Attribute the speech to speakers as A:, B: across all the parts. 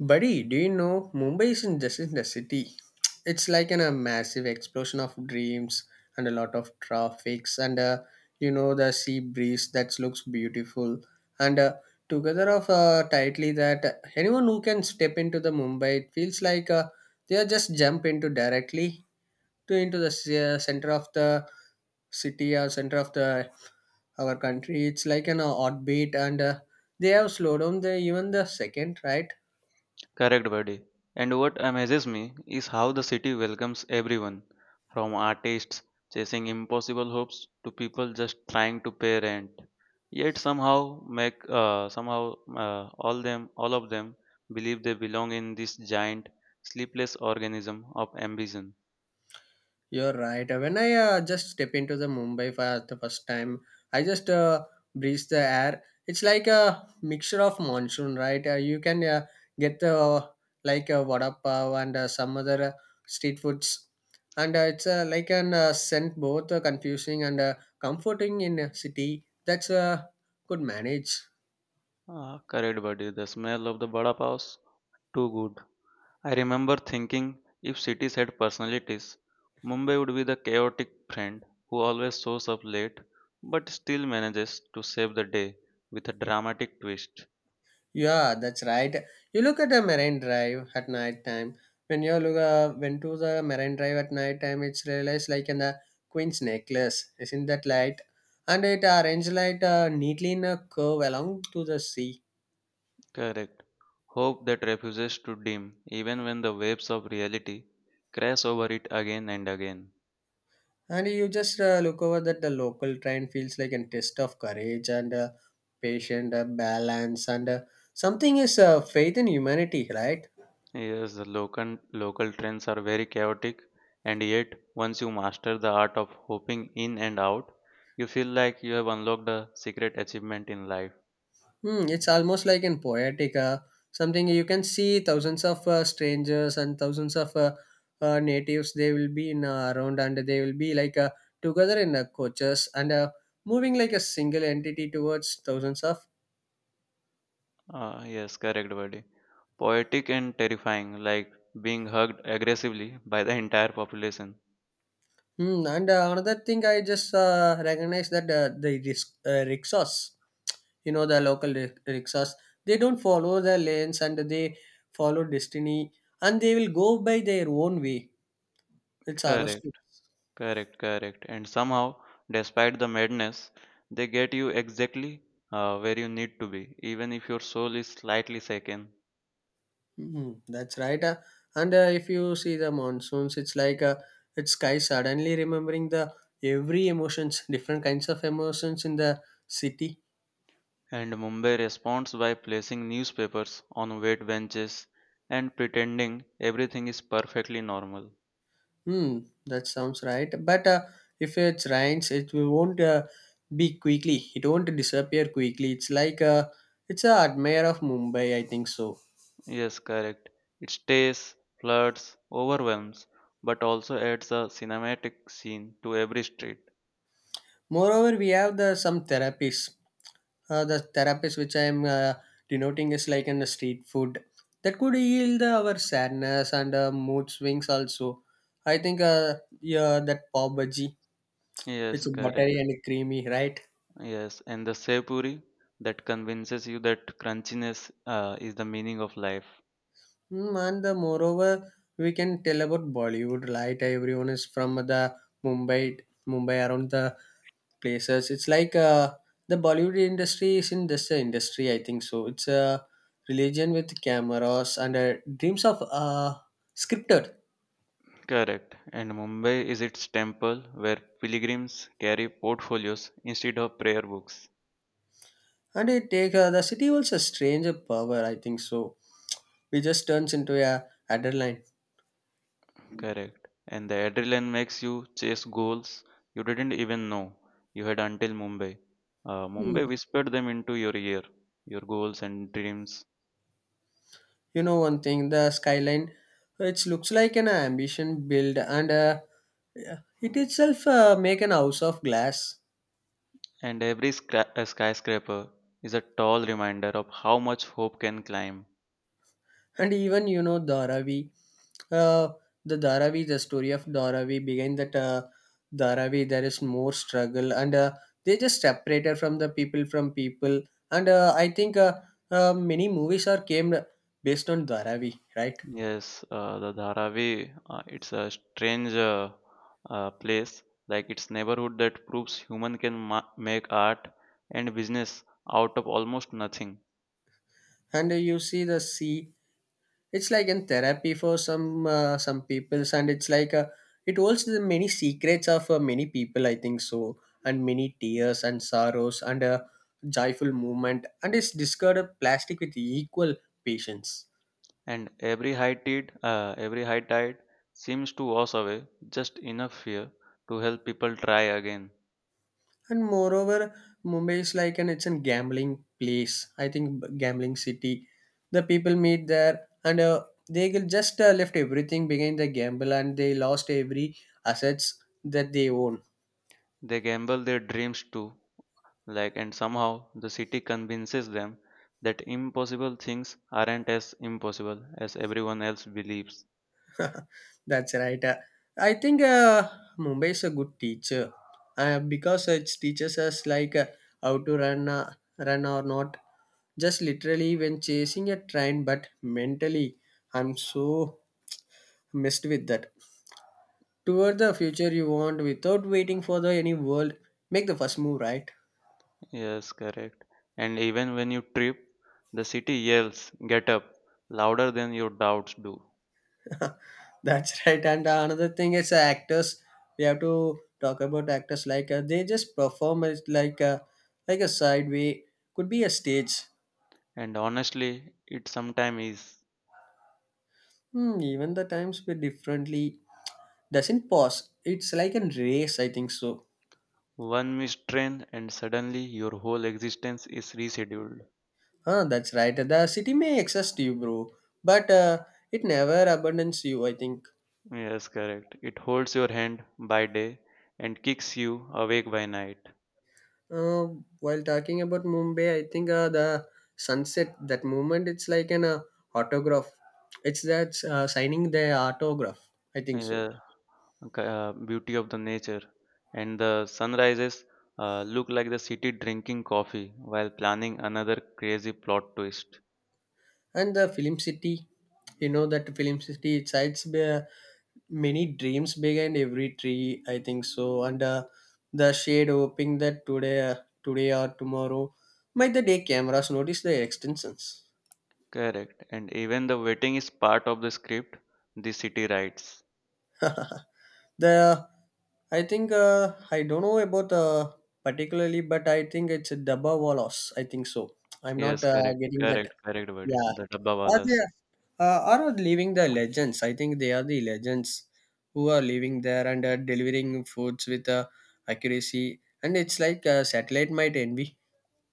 A: Buddy, do you know Mumbai isn't just in the city? It's like in a massive explosion of dreams and a lot of traffics and you know the sea breeze that looks beautiful and together of tightly that anyone who can step into the Mumbai it feels like they are just jump into directly to into the s- center of the city or center of the our country. It's like an odd beat and they have slowed down the even the second right.
B: Correct, buddy. And what amazes me is how the city welcomes everyone, from artists chasing impossible hopes to people just trying to pay rent. Yet somehow make somehow all them all of them believe they belong in this giant sleepless organism of ambition.
A: You're right. When I just step into the Mumbai for the first time, I just breathe the air. It's like a mixture of monsoon, right? You can get the like a vada pav and some other street foods, and it's like an scent both confusing and comforting in a city that's could manage.
B: Correct, buddy. The smell of the vada paos too good. I remember thinking if cities had personalities, Mumbai would be the chaotic friend who always shows up late but still manages to save the day with a dramatic twist.
A: Yeah, that's right. You look at a marine drive at night time. When you look went to the marine drive at night time, it's realized like in the queen's necklace, isn't that light? And it arranged light neatly in a curve along to the sea.
B: Correct. Hope that refuses to dim even when the waves of reality crash over it again and again.
A: And you just look over that the local train feels like a test of courage and patient balance and something is faith in humanity, right?
B: Yes, the local trends are very chaotic, and yet once you master the art of hopping in and out, you feel like you have unlocked a secret achievement in life.
A: Hmm, it's almost like in poetic, something you can see thousands of strangers and thousands of natives. They will be in around and they will be like together in coaches and moving like a single entity towards thousands of.
B: Yes, correct, buddy. Poetic and terrifying, like being hugged aggressively by the entire population.
A: Hmm, and another thing I just recognize that the rickshaws, you know, the local rickshaws, they don't follow the lanes and they follow destiny and they will go by their own way. It's
B: Correct,
A: horoscope.
B: correct, correct. And somehow, despite the madness, they get you exactly where you need to be, even if your soul is slightly shaken.
A: Mhm, that's right. And if you see the monsoons, it's like it's sky suddenly remembering the every emotions, different kinds of emotions in the city.
B: And Mumbai responds by placing newspapers on wet benches and pretending everything is perfectly normal.
A: Hmm, that sounds right. But if it rains, it won't be quickly. It won't disappear quickly. It's like it's a admire of Mumbai. I think so.
B: Yes, correct. It stays, floods, overwhelms, but also adds a cinematic scene to every street.
A: Moreover, we have the some therapies. The therapies which I am denoting is like in the street food that could heal the, our sadness and mood swings also. I think yeah, that pav bhaji, which
B: Yes,
A: is
B: correct.
A: buttery and creamy, right?
B: Yes, and the sepuri that convinces you that crunchiness is the meaning of life.
A: Mm, and the moreover, we can tell about Bollywood, right? Everyone is from the Mumbai, Mumbai around the places. It's like the Bollywood industry is in this industry, I think so. It's a religion with cameras and dreams of scripted,
B: Correct. And Mumbai is its temple where pilgrims carry portfolios instead of prayer books.
A: and it take the city holds a strange power, I think so. We just turns into a adrenaline.
B: Correct. And the adrenaline makes you chase goals you didn't even know you had until Mumbai. Mumbai whispered them into your ear, your goals and dreams.
A: You know one thing, the skyline, it looks like an ambition build, and yeah, it itself make an house of glass.
B: And every skyscraper is a tall reminder of how much hope can climb.
A: And even you know Dharavi, uh, the Dharavi, the story of Dharavi behind that Dharavi, there is more struggle, and they just separated from the people from people. And I think many movies are came based on Dharavi, right?
B: Yes, the Dharavi, it's a strange place, like its neighborhood that proves human can make art and business out of almost nothing.
A: And you see the sea, it's like in therapy for some peoples and it's like it holds the many secrets of many people, I think so, and many tears and sorrows and a joyful movement and it's discarded plastic with equal patience.
B: And every high tide seems to wash away just enough fear to help people try again.
A: And moreover, Mumbai is like an it's a gambling place, I think, gambling city. The people meet there and they will just left everything behind the gamble and they lost every assets that they own.
B: They gamble their dreams too, like, and somehow the city convinces them that impossible things aren't as impossible as everyone else believes.
A: That's right. I think Mumbai is a good teacher because it teaches us like how to run or not. Just literally when chasing a train, but mentally, I'm so messed with that. Toward the future you want without waiting for the any world, make the first move, right?
B: Yes, correct. And even when you trip, the city yells, "Get up," louder than your doubts do.
A: That's right. And another thing is actors. We have to talk about actors like they just perform as like a sideway could be a stage.
B: And honestly, it sometimes is.
A: Hmm, even the times were differently doesn't pause. It's like a race. I think so.
B: One missed train, and suddenly your whole existence is rescheduled.
A: Huh, that's right. The city may exhaust you, bro, but it never abandons you. I think.
B: Yes, correct. It holds your hand by day and kicks you awake by night.
A: Uh, while talking about Mumbai, I think the sunset, that moment, it's like an autograph. It's that signing the autograph. I think so.
B: Yeah, okay, beauty of the nature. And the sunrises look like the city drinking coffee while planning another crazy plot twist.
A: And the film city, you know that film city, it hides many dreams behind every tree. I think so. And the shade hoping that today, today or tomorrow, might the day cameras notice the extensions.
B: Correct. And even the waiting is part of the script the city writes.
A: The I think I don't know about particularly, but I think it's a Dabba Wallace. I think so. I'm not
B: Yes, correct.
A: getting that.
B: Correct, correct, buddy.
A: Yeah,
B: The
A: are they
B: Dabbawalas.
A: are leaving the legends? I think they are the legends who are living there and are delivering foods with accuracy. And it's like satellite might envy.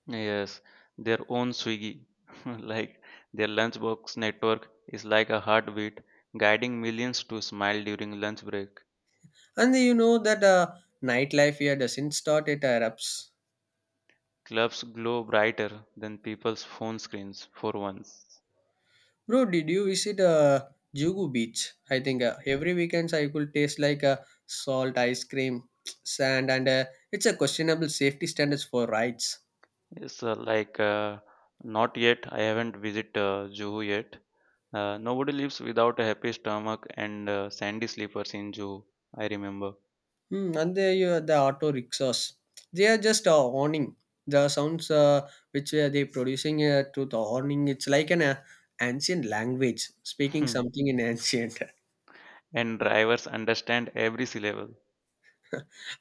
B: Yes, their own Swiggy, like their lunchbox network is like a heartbeat, guiding millions to smile during lunch break.
A: And you know that nightlife here doesn't start at Arabs.
B: Clubs glow brighter than people's phone screens for once.
A: Bro, did you visit Jugu Beach? I think every weekends I could taste like salt ice cream, sand, and it's a questionable safety standards for rides.
B: Yes, not yet. I haven't visited Juhu yet. Nobody lives without a happy stomach and sandy sleepers in Juhu. I remember,
A: Hmm, and the, you the auto rickshaws, they are just awning. The sounds which they producing to the awning, it's like an ancient language speaking something in ancient.
B: and drivers understand every syllable.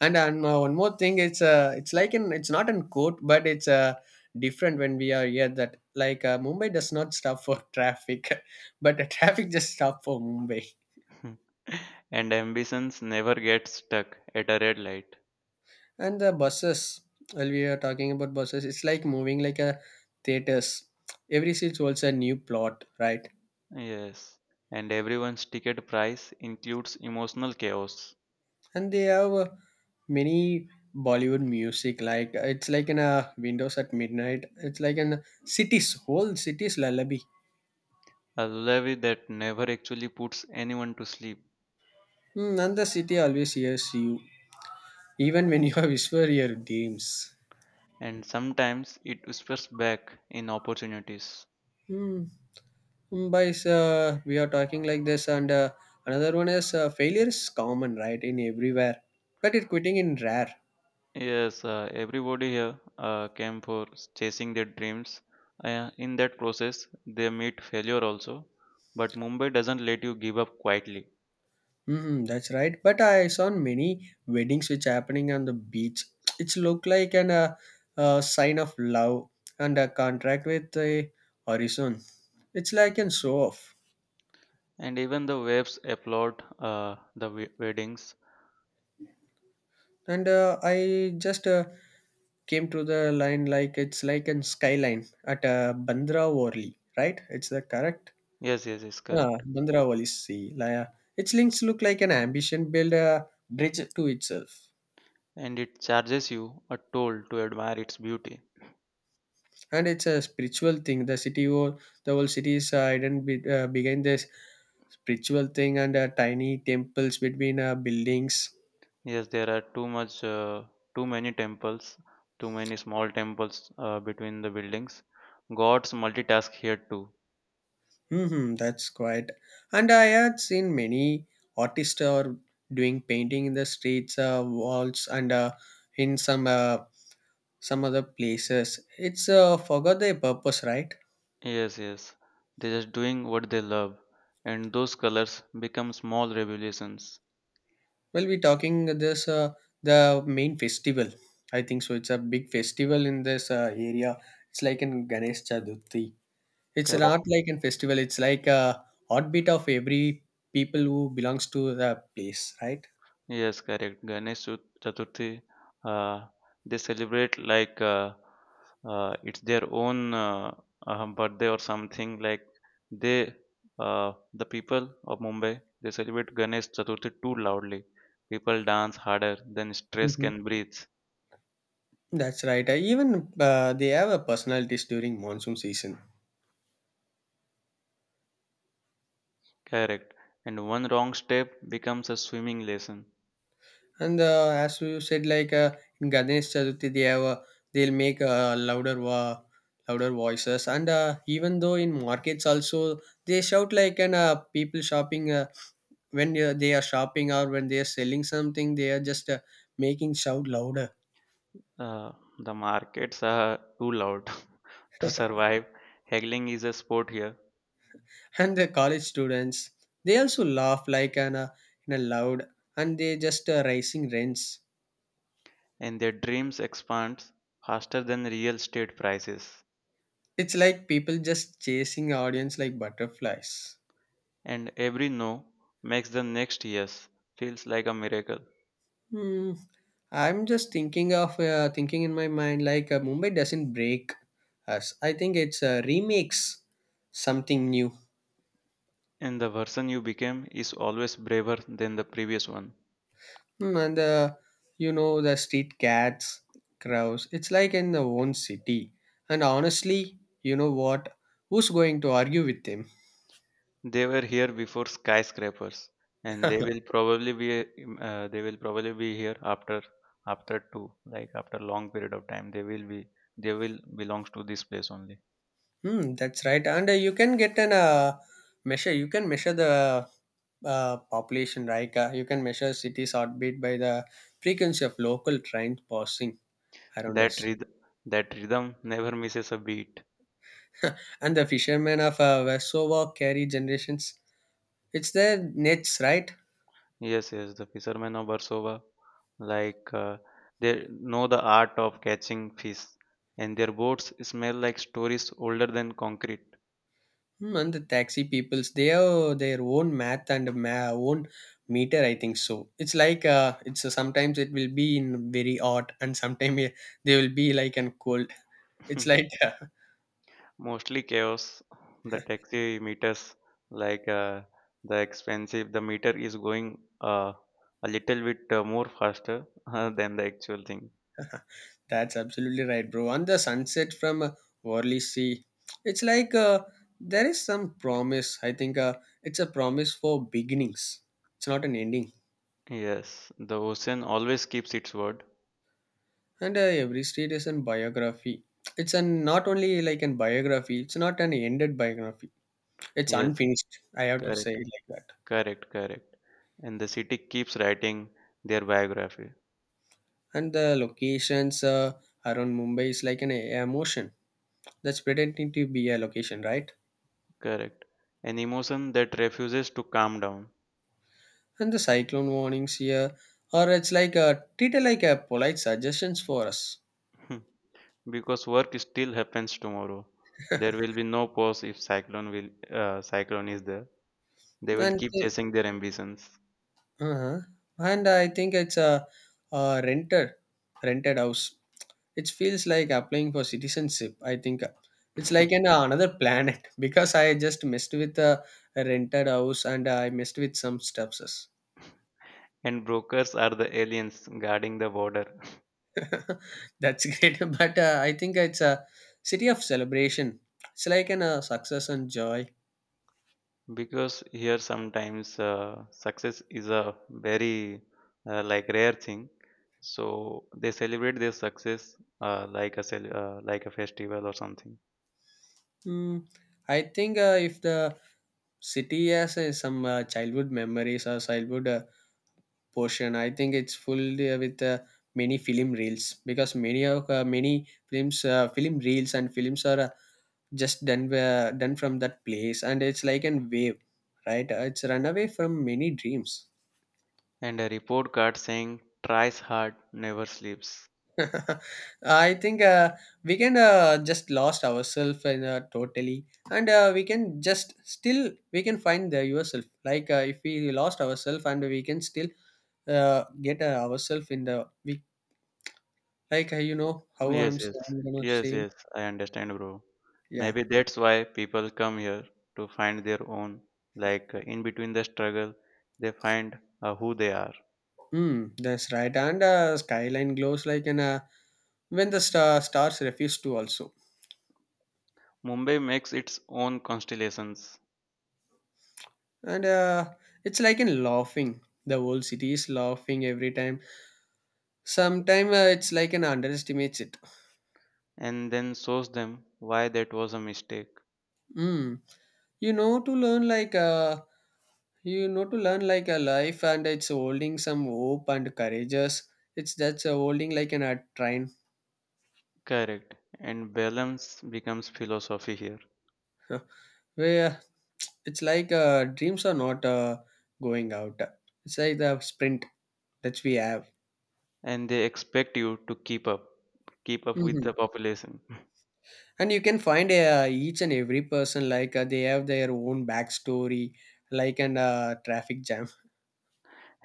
A: And no, one more thing, it's like an it's not in court, but it's different when we are here. That like Mumbai does not stop for traffic, but the traffic just stop for Mumbai.
B: And ambitions never get stuck at a red light.
A: And the buses, while we are talking about buses, it's like moving like a theaters. Every seat holds a new plot, right?
B: Yes, and everyone's ticket price includes emotional chaos,
A: And they have many Bollywood music. Like it's like in a Windows at midnight. It's like in cities, whole cities lullaby.
B: a levy that never actually puts anyone to sleep,
A: Mm, and the city always hears you, even when you whisper your dreams.
B: and sometimes it whispers back in opportunities.
A: Hmm. Mumbai's, we are talking like this, and another one is failure is common, right, in everywhere, but it quitting in rare.
B: Yes, everybody here came for chasing their dreams. In that process, they meet failure also, but Mumbai doesn't let you give up quietly.
A: Hmm, that's right. But I saw many weddings which happening on the beach. It's look like an sign of love and a contract with the horizon. It's like an show off.
B: And even the waves applaud weddings.
A: And I just came to the line like it's like in skyline at bandra worli, right? It's the correct.
B: Yes, yes, yes, correct.
A: Bandra worli sea like, its links look like an ambition build a bridge to itself.
B: And it charges you a toll to admire its beauty.
A: And it's a spiritual thing, the city or the whole city is hidden behind this spiritual thing and tiny temples between buildings.
B: Yes, there are too much, too many temples, too many small temples between the buildings. Gods multitask here too.
A: Hmm, that's quite. And I had seen many artists are doing painting in the streets, walls, and in some other places. It's forgot their purpose, right?
B: Yes, yes, they're just doing what they love, and those colors become small revolutions.
A: Well, we're talking this the main festival. I think so. It's a big festival in this area. It's like in Ganesh Chaturthi. It's not
B: Correct.
A: like a festival. It's like a heartbeat of every people who belongs to the place, right?
B: Yes, correct. Chaturthi, uh, they celebrate like it's their own birthday or something. Like they, the people of Mumbai, they celebrate Ganesh Chaturthi too loudly. People dance harder than stress
A: Hmm.
B: can breathe.
A: That's right. I even they have a personalities during monsoon season.
B: Correct. And one wrong step becomes a swimming lesson.
A: And as you said, like in Ganesh Chaturthi, they have a, they'll make louder voices. And even though in markets also they shout like and people shopping when they are shopping or when they are selling something, they are just making shout louder.
B: Uh, the markets are too loud to survive. Haggling is a sport here.
A: And the college students they also laugh like an in a loud and they just raising rents.
B: And their dreams expand faster than real estate prices.
A: It's like people just chasing audience like butterflies.
B: And every no makes the next yes feels like a miracle.
A: Hmm. I'm just thinking of thinking in my mind like Mumbai doesn't break us. I think it's remakes something new.
B: And the version you became is always braver than the previous one.
A: Hmm, and the you know the street cats, crows. It's like in the own city. And honestly, you know what? Who's going to argue with them?
B: They were here before skyscrapers, and they will probably be here after, after two like after long period of time they will be, they will belongs to this place only.
A: Hmm, that's right. And you can get an measure. You can measure the population, right? You can measure city's heartbeat by the frequency of local trains passing around
B: That
A: us.
B: rhythm that rhythm never misses a beat.
A: And the fishermen of Vesova carry generations. It's their nets, right?
B: Yes, yes, the fishermen of Versova, like uh, they know the art of catching fish, and their boats smell like stories older than concrete.
A: Hmm, and the taxi peoples, they have their own math and own meter. I think so. It's like it's sometimes it will be in very hot, and sometimes they will be like and cold. It's like
B: Mostly chaos. The taxi meters, like uh, the expensive, the meter is going a little bit more faster than the actual thing.
A: That's absolutely right, bro. And the sunset from Worley Sea, it's like there is some promise. I think it's a promise for beginnings. It's not an ending.
B: Yes, the ocean always keeps its word.
A: And every street is an biography. It's an not only like an biography. It's not an ended biography. It's
B: Yes,
A: unfinished. I have to say
B: correct,
A: it like that.
B: correct, correct. And the city keeps writing their biography.
A: And the locations around Mumbai is like an emotion that's pretending to be a location, right?
B: Correct. An emotion that refuses to calm down.
A: And the cyclone warnings here or it's like a treated like a polite suggestions for us.
B: Hmm. Because work still happens tomorrow. There will be no pause if cyclone will cyclone is there. They will
A: and
B: keep
A: the-
B: chasing their ambitions.
A: uh-huh. And I think it's a rented rented house, it feels like applying for citizenship, I think it's like an another planet. Because I just messed with a rented house and I messed with some stuffs.
B: And brokers are the aliens guarding the border.
A: That's great. But I think it's a city of celebration, it's like an success and joy.
B: Because here sometimes success is a very rare thing. So they celebrate their success like a festival or something.
A: Mm, I think if the city has some childhood memories or childhood portion, I think it's full with many film reels, because many of many films, film reels and films are just done done from that place, and it's like an wave, right? It's run away from many dreams.
B: And a report card saying, "Tries hard, never sleeps."
A: I think we can just lost ourselves in totally, and we can just still we can find the yourself. Like if we lost ourselves, and we can still get ourselves in the we, like you know how I'm,
B: Yes, yes,
A: I'm gonna
B: yes,
A: say.
B: yes, I understand, bro.
A: Yeah.
B: Maybe that's why people come here to find their own. In between the struggle, they find who they are.
A: Hmm, that's right. And skyline glows like an when the stars refuse to also,
B: Mumbai makes its own constellations
A: and it's like in laughing. The whole city is laughing every time. Sometimes it's like an underestimates it.
B: and then shows them why that was a mistake.
A: Mm. You know to learn like you know to learn like a life, and it's holding some hope and courageous. It's that's holding like an a train.
B: Correct. And balance becomes philosophy here.
A: Where it's like dreams are not going out. It's like the sprint that we have.
B: And they expect you to keep up with
A: Hmm.
B: the population.
A: And you can find each and every person like they have their own backstory, like an traffic jam.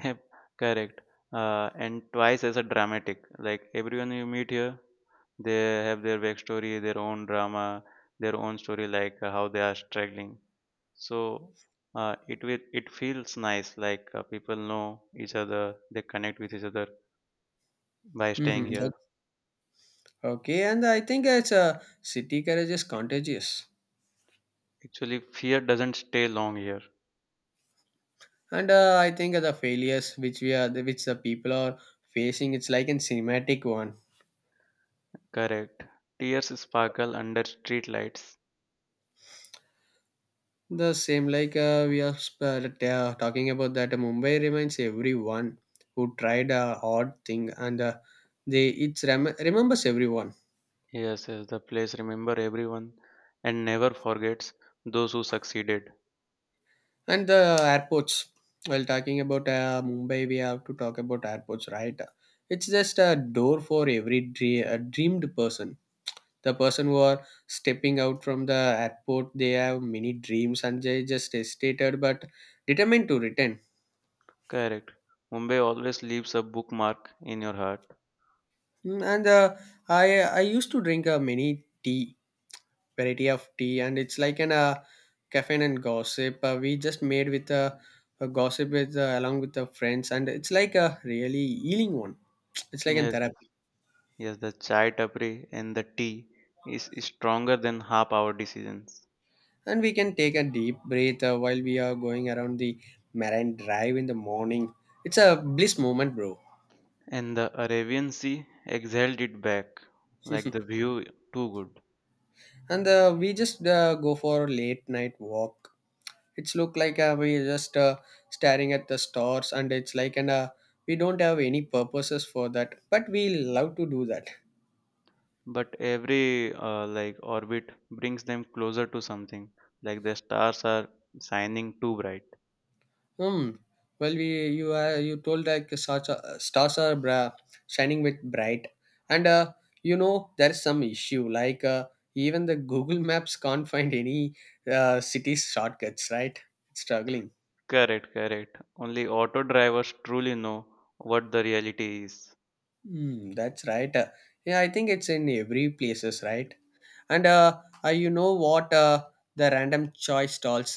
B: Yep, correct. And twice as a dramatic. Like everyone you meet here, they have their backstory, their own drama, their own story, how they are struggling. So it feels nice. People know each other, they connect with each other by staying
A: Hmm.
B: here.
A: Okay, and I think it's city courage is contagious.
B: Actually, fear doesn't stay long here.
A: And I think the failures which we are which the people are facing, it's like a cinematic one.
B: Correct. Tears sparkle under street lights.
A: The same like we are talking about that, Mumbai reminds everyone who tried a hard thing, and they it remembers everyone.
B: Yes, yes, the place remember everyone and never forgets those who succeeded.
A: And the airports, while talking about Mumbai we have to talk about airports, right? It's just a door for every dreamed person. The person who are stepping out from the airport, they have many dreams and they just hesitated but determined to return.
B: Correct. Mumbai always leaves a bookmark in your heart.
A: Mm, and i i used to drink many tea, variety of tea, and it's like an caffeine and gossip, we just made with a gossip with along with the friends, and it's like a really healing one. It's like a
B: Yes, yes,
A: therapy.
B: Yes, the chai tapri and the tea is stronger than half our decisions.
A: And we can take a deep breath while we are going around the Marine Drive in the morning. It's a bliss moment, bro.
B: And the Arabian Sea exhaled it back, like the view too good.
A: And we just go for a late night walk. It's look like we just staring at the stars, and it's like and we don't have any purposes for that, but we love to do that.
B: But every orbit brings them closer to something, like the stars are shining too bright.
A: Hmm. Well we you told like such a, stars are shining with bright. And you know there's some issue like even the Google Maps can't find any city shortcuts, right? It's struggling.
B: Correct, correct. Only auto drivers truly know what the reality is.
A: Hmm, that's right. Yeah, I think it's in every places, right? And you know what, the random choice stalls,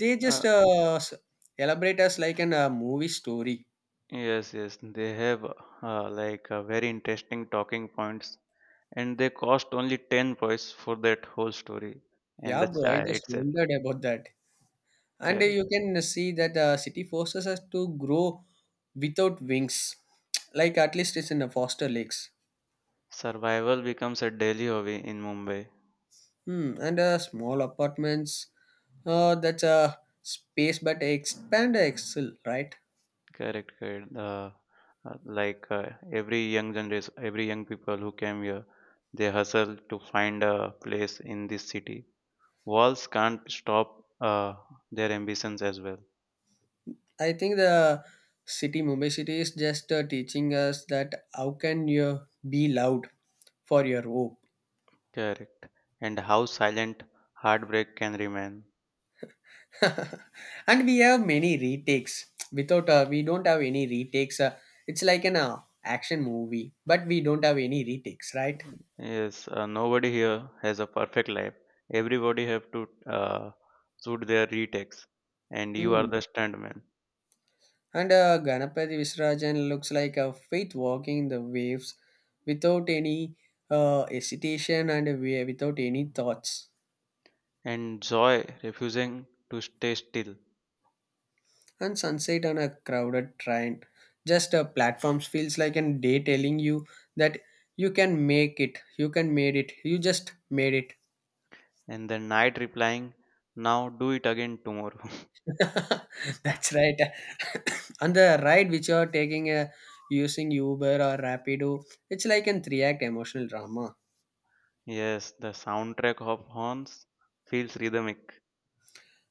A: they just
B: Uh,
A: elaborate us like an movie story.
B: Yes, yes, they have very interesting talking points, and they cost only 10 points for that whole story and
A: Yeah
B: the
A: bro, I
B: chai
A: just
B: itself.
A: wondered about that. And
B: Correct.
A: you can see that city forces us to grow without wings. Like at least it's in the foster lakes.
B: Survival becomes a daily hobby in Mumbai.
A: Hmm. And small apartments, that's a space but expand excel, right?
B: Correct, correct. Uh, like uh, every young generation, every young people who came here, they hustle to find a place in this city. Walls can't stop their ambitions as well.
A: I think the city, Mumbai city, is just teaching us that how can you be loud for your hope.
B: Correct. And how silent heartbreak can remain.
A: And we have many retakes. Without we don't have any retakes. It's like an action movie, but we don't have any retakes, right?
B: Yes, nobody here has a perfect life. Everybody have to shoot their retakes, and you are
A: Mm.
B: the stuntman.
A: And Ganapati Visrajan looks like a faith walking the waves without any hesitation and without any thoughts.
B: And Joy refusing to stay still,
A: And sunset on a crowded train. Just a platforms feels like a day telling you that you can make it, you can made it, you just made it.
B: and the knight replying, "Now do it again tomorrow."
A: That's right. And the ride which you are taking using Uber or Rapido, it's like an three-act emotional drama.
B: Yes, the soundtrack of horns feels rhythmic.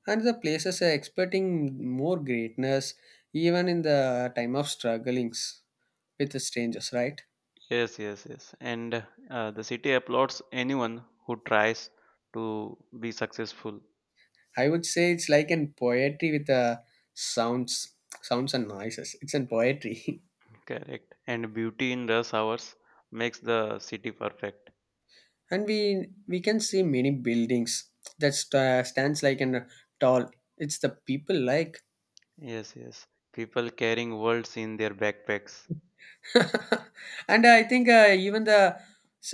A: And the places are expecting more greatness even in the time of strugglings with the strangers, right?
B: Yes, yes, yes. And the city applauds anyone who tries to be successful.
A: I would say it's like in poetry with sounds, sounds and noises. It's in poetry.
B: Correct. And beauty in rush hours makes the city perfect.
A: And we can see many buildings that stands like in a tall. It's the people like,
B: Yes, yes. People carrying worlds in their backpacks.
A: and I think even the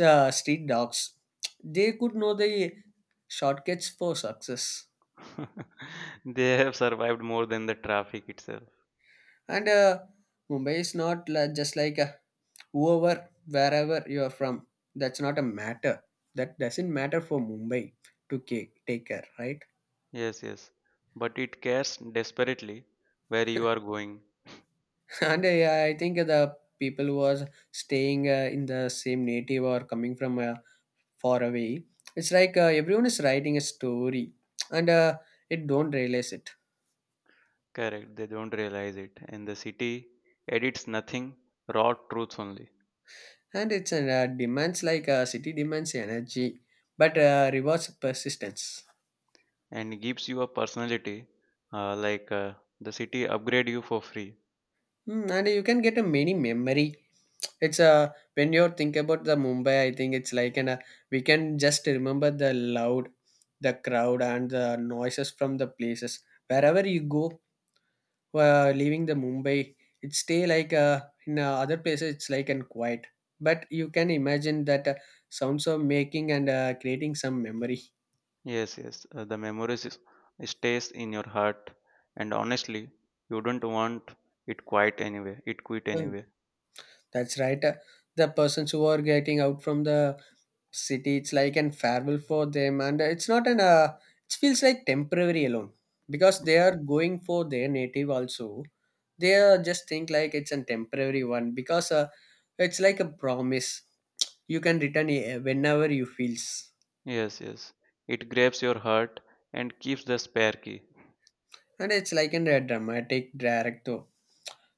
A: street dogs, they could know the shortcuts for success.
B: They have survived more than the traffic itself.
A: And Mumbai is not just like a over, wherever you are from, that's not a matter, that doesn't matter for Mumbai to take care, right?
B: Yes, yes. But it cares desperately where you are going.
A: And yeah, I think the people who was staying in the same native or coming from far away, it's like everyone is writing a story, and it don't realize it.
B: Correct. They don't realize it. And the city edits nothing, raw truths only,
A: And it's demands like city demands energy but rewards persistence.
B: and gives you a personality. Uh, like uh, the city upgrade you for free.
A: Mm, and you can get a mini memory. It's a when you think about the Mumbai, I think it's like an we can just remember the loud, the crowd and the noises from the places wherever you go. Leaving the Mumbai, it stay like in other places it's like and quiet. But you can imagine that sounds of making and creating some memory.
B: Yes, yes. The memories is, stays in your heart, and honestly, you don't want it quite anyway. It quit anyway.
A: That's right. The persons who are getting out from the city, it's like an farewell for them, and it's not an. It feels like temporary alone because they are going for their native also. They are just think like it's a temporary one, because it's like a promise. You can return whenever you feels,
B: Yes, yes. It grabs your heart and keeps the spare key.
A: and it's like an, a dramatic director.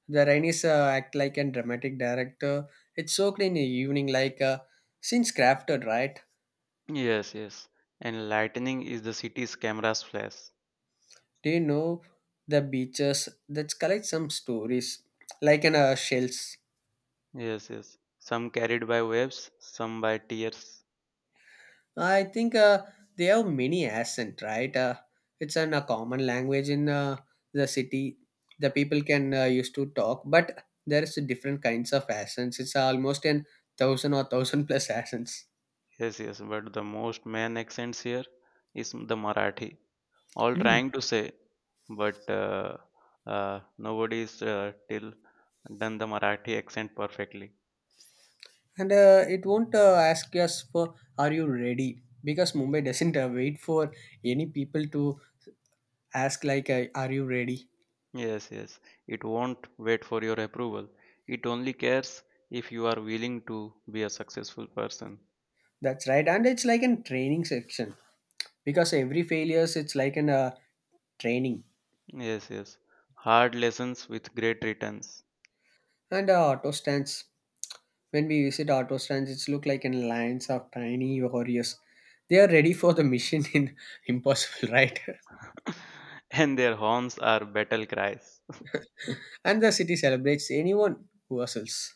A: The Rainis act like a dramatic director. It's so clean in the evening, like since crafted, right?
B: Yes, yes. And lightning is the city's camera's flash.
A: Do you know the beaches that collect some stories, like in shells?
B: Yes, yes. Some carried by waves, some by tears.
A: I think they have many accent, right? It's an, a common language in the city. The people can used to talk, but there's different kinds of accents. It's almost an thousand or thousand plus accents.
B: Yes, yes. But the most main accents here is the Marathi. All
A: Hmm.
B: trying to say, but nobody's till done the Marathi accent perfectly.
A: And it won't ask us for are you ready, because Mumbai doesn't wait for any people to ask like are you ready.
B: Yes, yes. It won't wait for your approval. It only cares if you are willing to be a successful person.
A: That's right, and it's like a training section, because every failures it's like an training.
B: Yes, yes. Hard lessons with great returns.
A: And auto stands. When we visit auto stands, it's look like in lines of tiny warriors. They are ready for the mission in impossible, right?
B: And their horns are battle cries.
A: And the city celebrates anyone who hustles.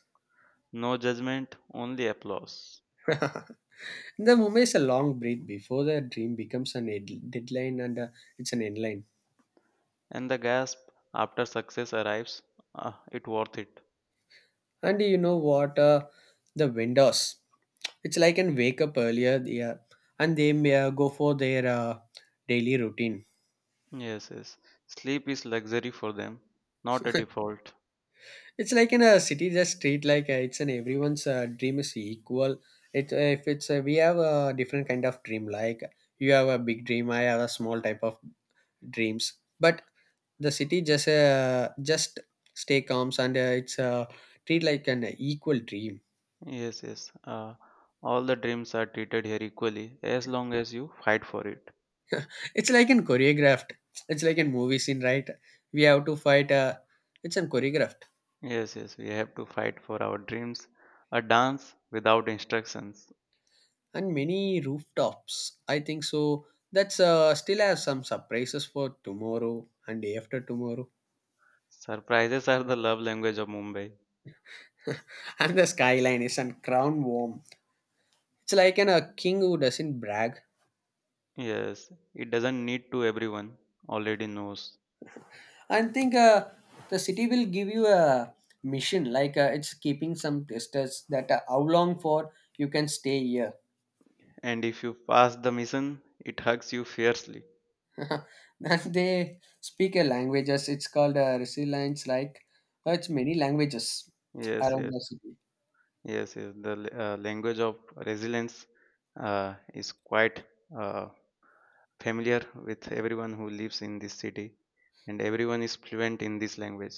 B: No judgment, only applause.
A: The movie is a long breath before the dream becomes an deadline, and it's an end.
B: And the gasp after success arrives, ah, it worth it.
A: And you know what? The vendors. It's like an wake up earlier, yeah, and they may go for their daily routine.
B: Yes, yes. Sleep is luxury for them, not a default.
A: It's like in a city, the street, like it's an everyone's dream is equal. It if it's we have a different kind of dream. Like you have a big dream, I have a small type of dreams. But the city just stay calm and it's treat like an equal dream.
B: Yes, yes. All the dreams are treated here equally as long as you fight for it.
A: It's like in choreographed. It's like in movie scene, right? We have to fight. It's in choreographed.
B: Yes, yes, we have to fight for our dreams. A dance without instructions.
A: And many rooftops, I think so. That's still have some surprises for tomorrow and day after tomorrow.
B: Surprises are the love language of Mumbai.
A: And the skyline is on crown warm. It's like an, a king who doesn't brag.
B: Yes, it doesn't need to, everyone already knows.
A: I think the city will give you a mission, like it's keeping some testers that how long for you can stay here.
B: And if you pass the mission, it hugs you fiercely.
A: That they speak a languages. It's called resilience. Like it's many languages
B: Yes,
A: around
B: yes,
A: the city.
B: yes, yes. The language of resilience is quite uh, familiar with everyone who lives in this city, and everyone is fluent in this language.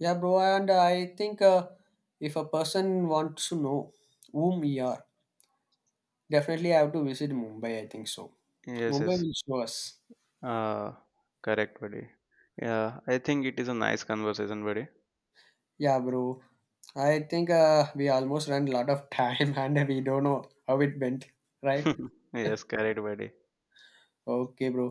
A: Yeah, bro. And I think if a person wants to know whom we are, definitely I have to visit Mumbai, I think so.
B: Yes,
A: Mumbai
B: yes.
A: will show us.
B: Uh, Correct, buddy. Yeah, I think it is a nice conversation, buddy.
A: Yeah, bro. I think we almost ran a lot of time and we don't know how it went. Right?
B: Yes, correct, buddy.
A: Okay, bro.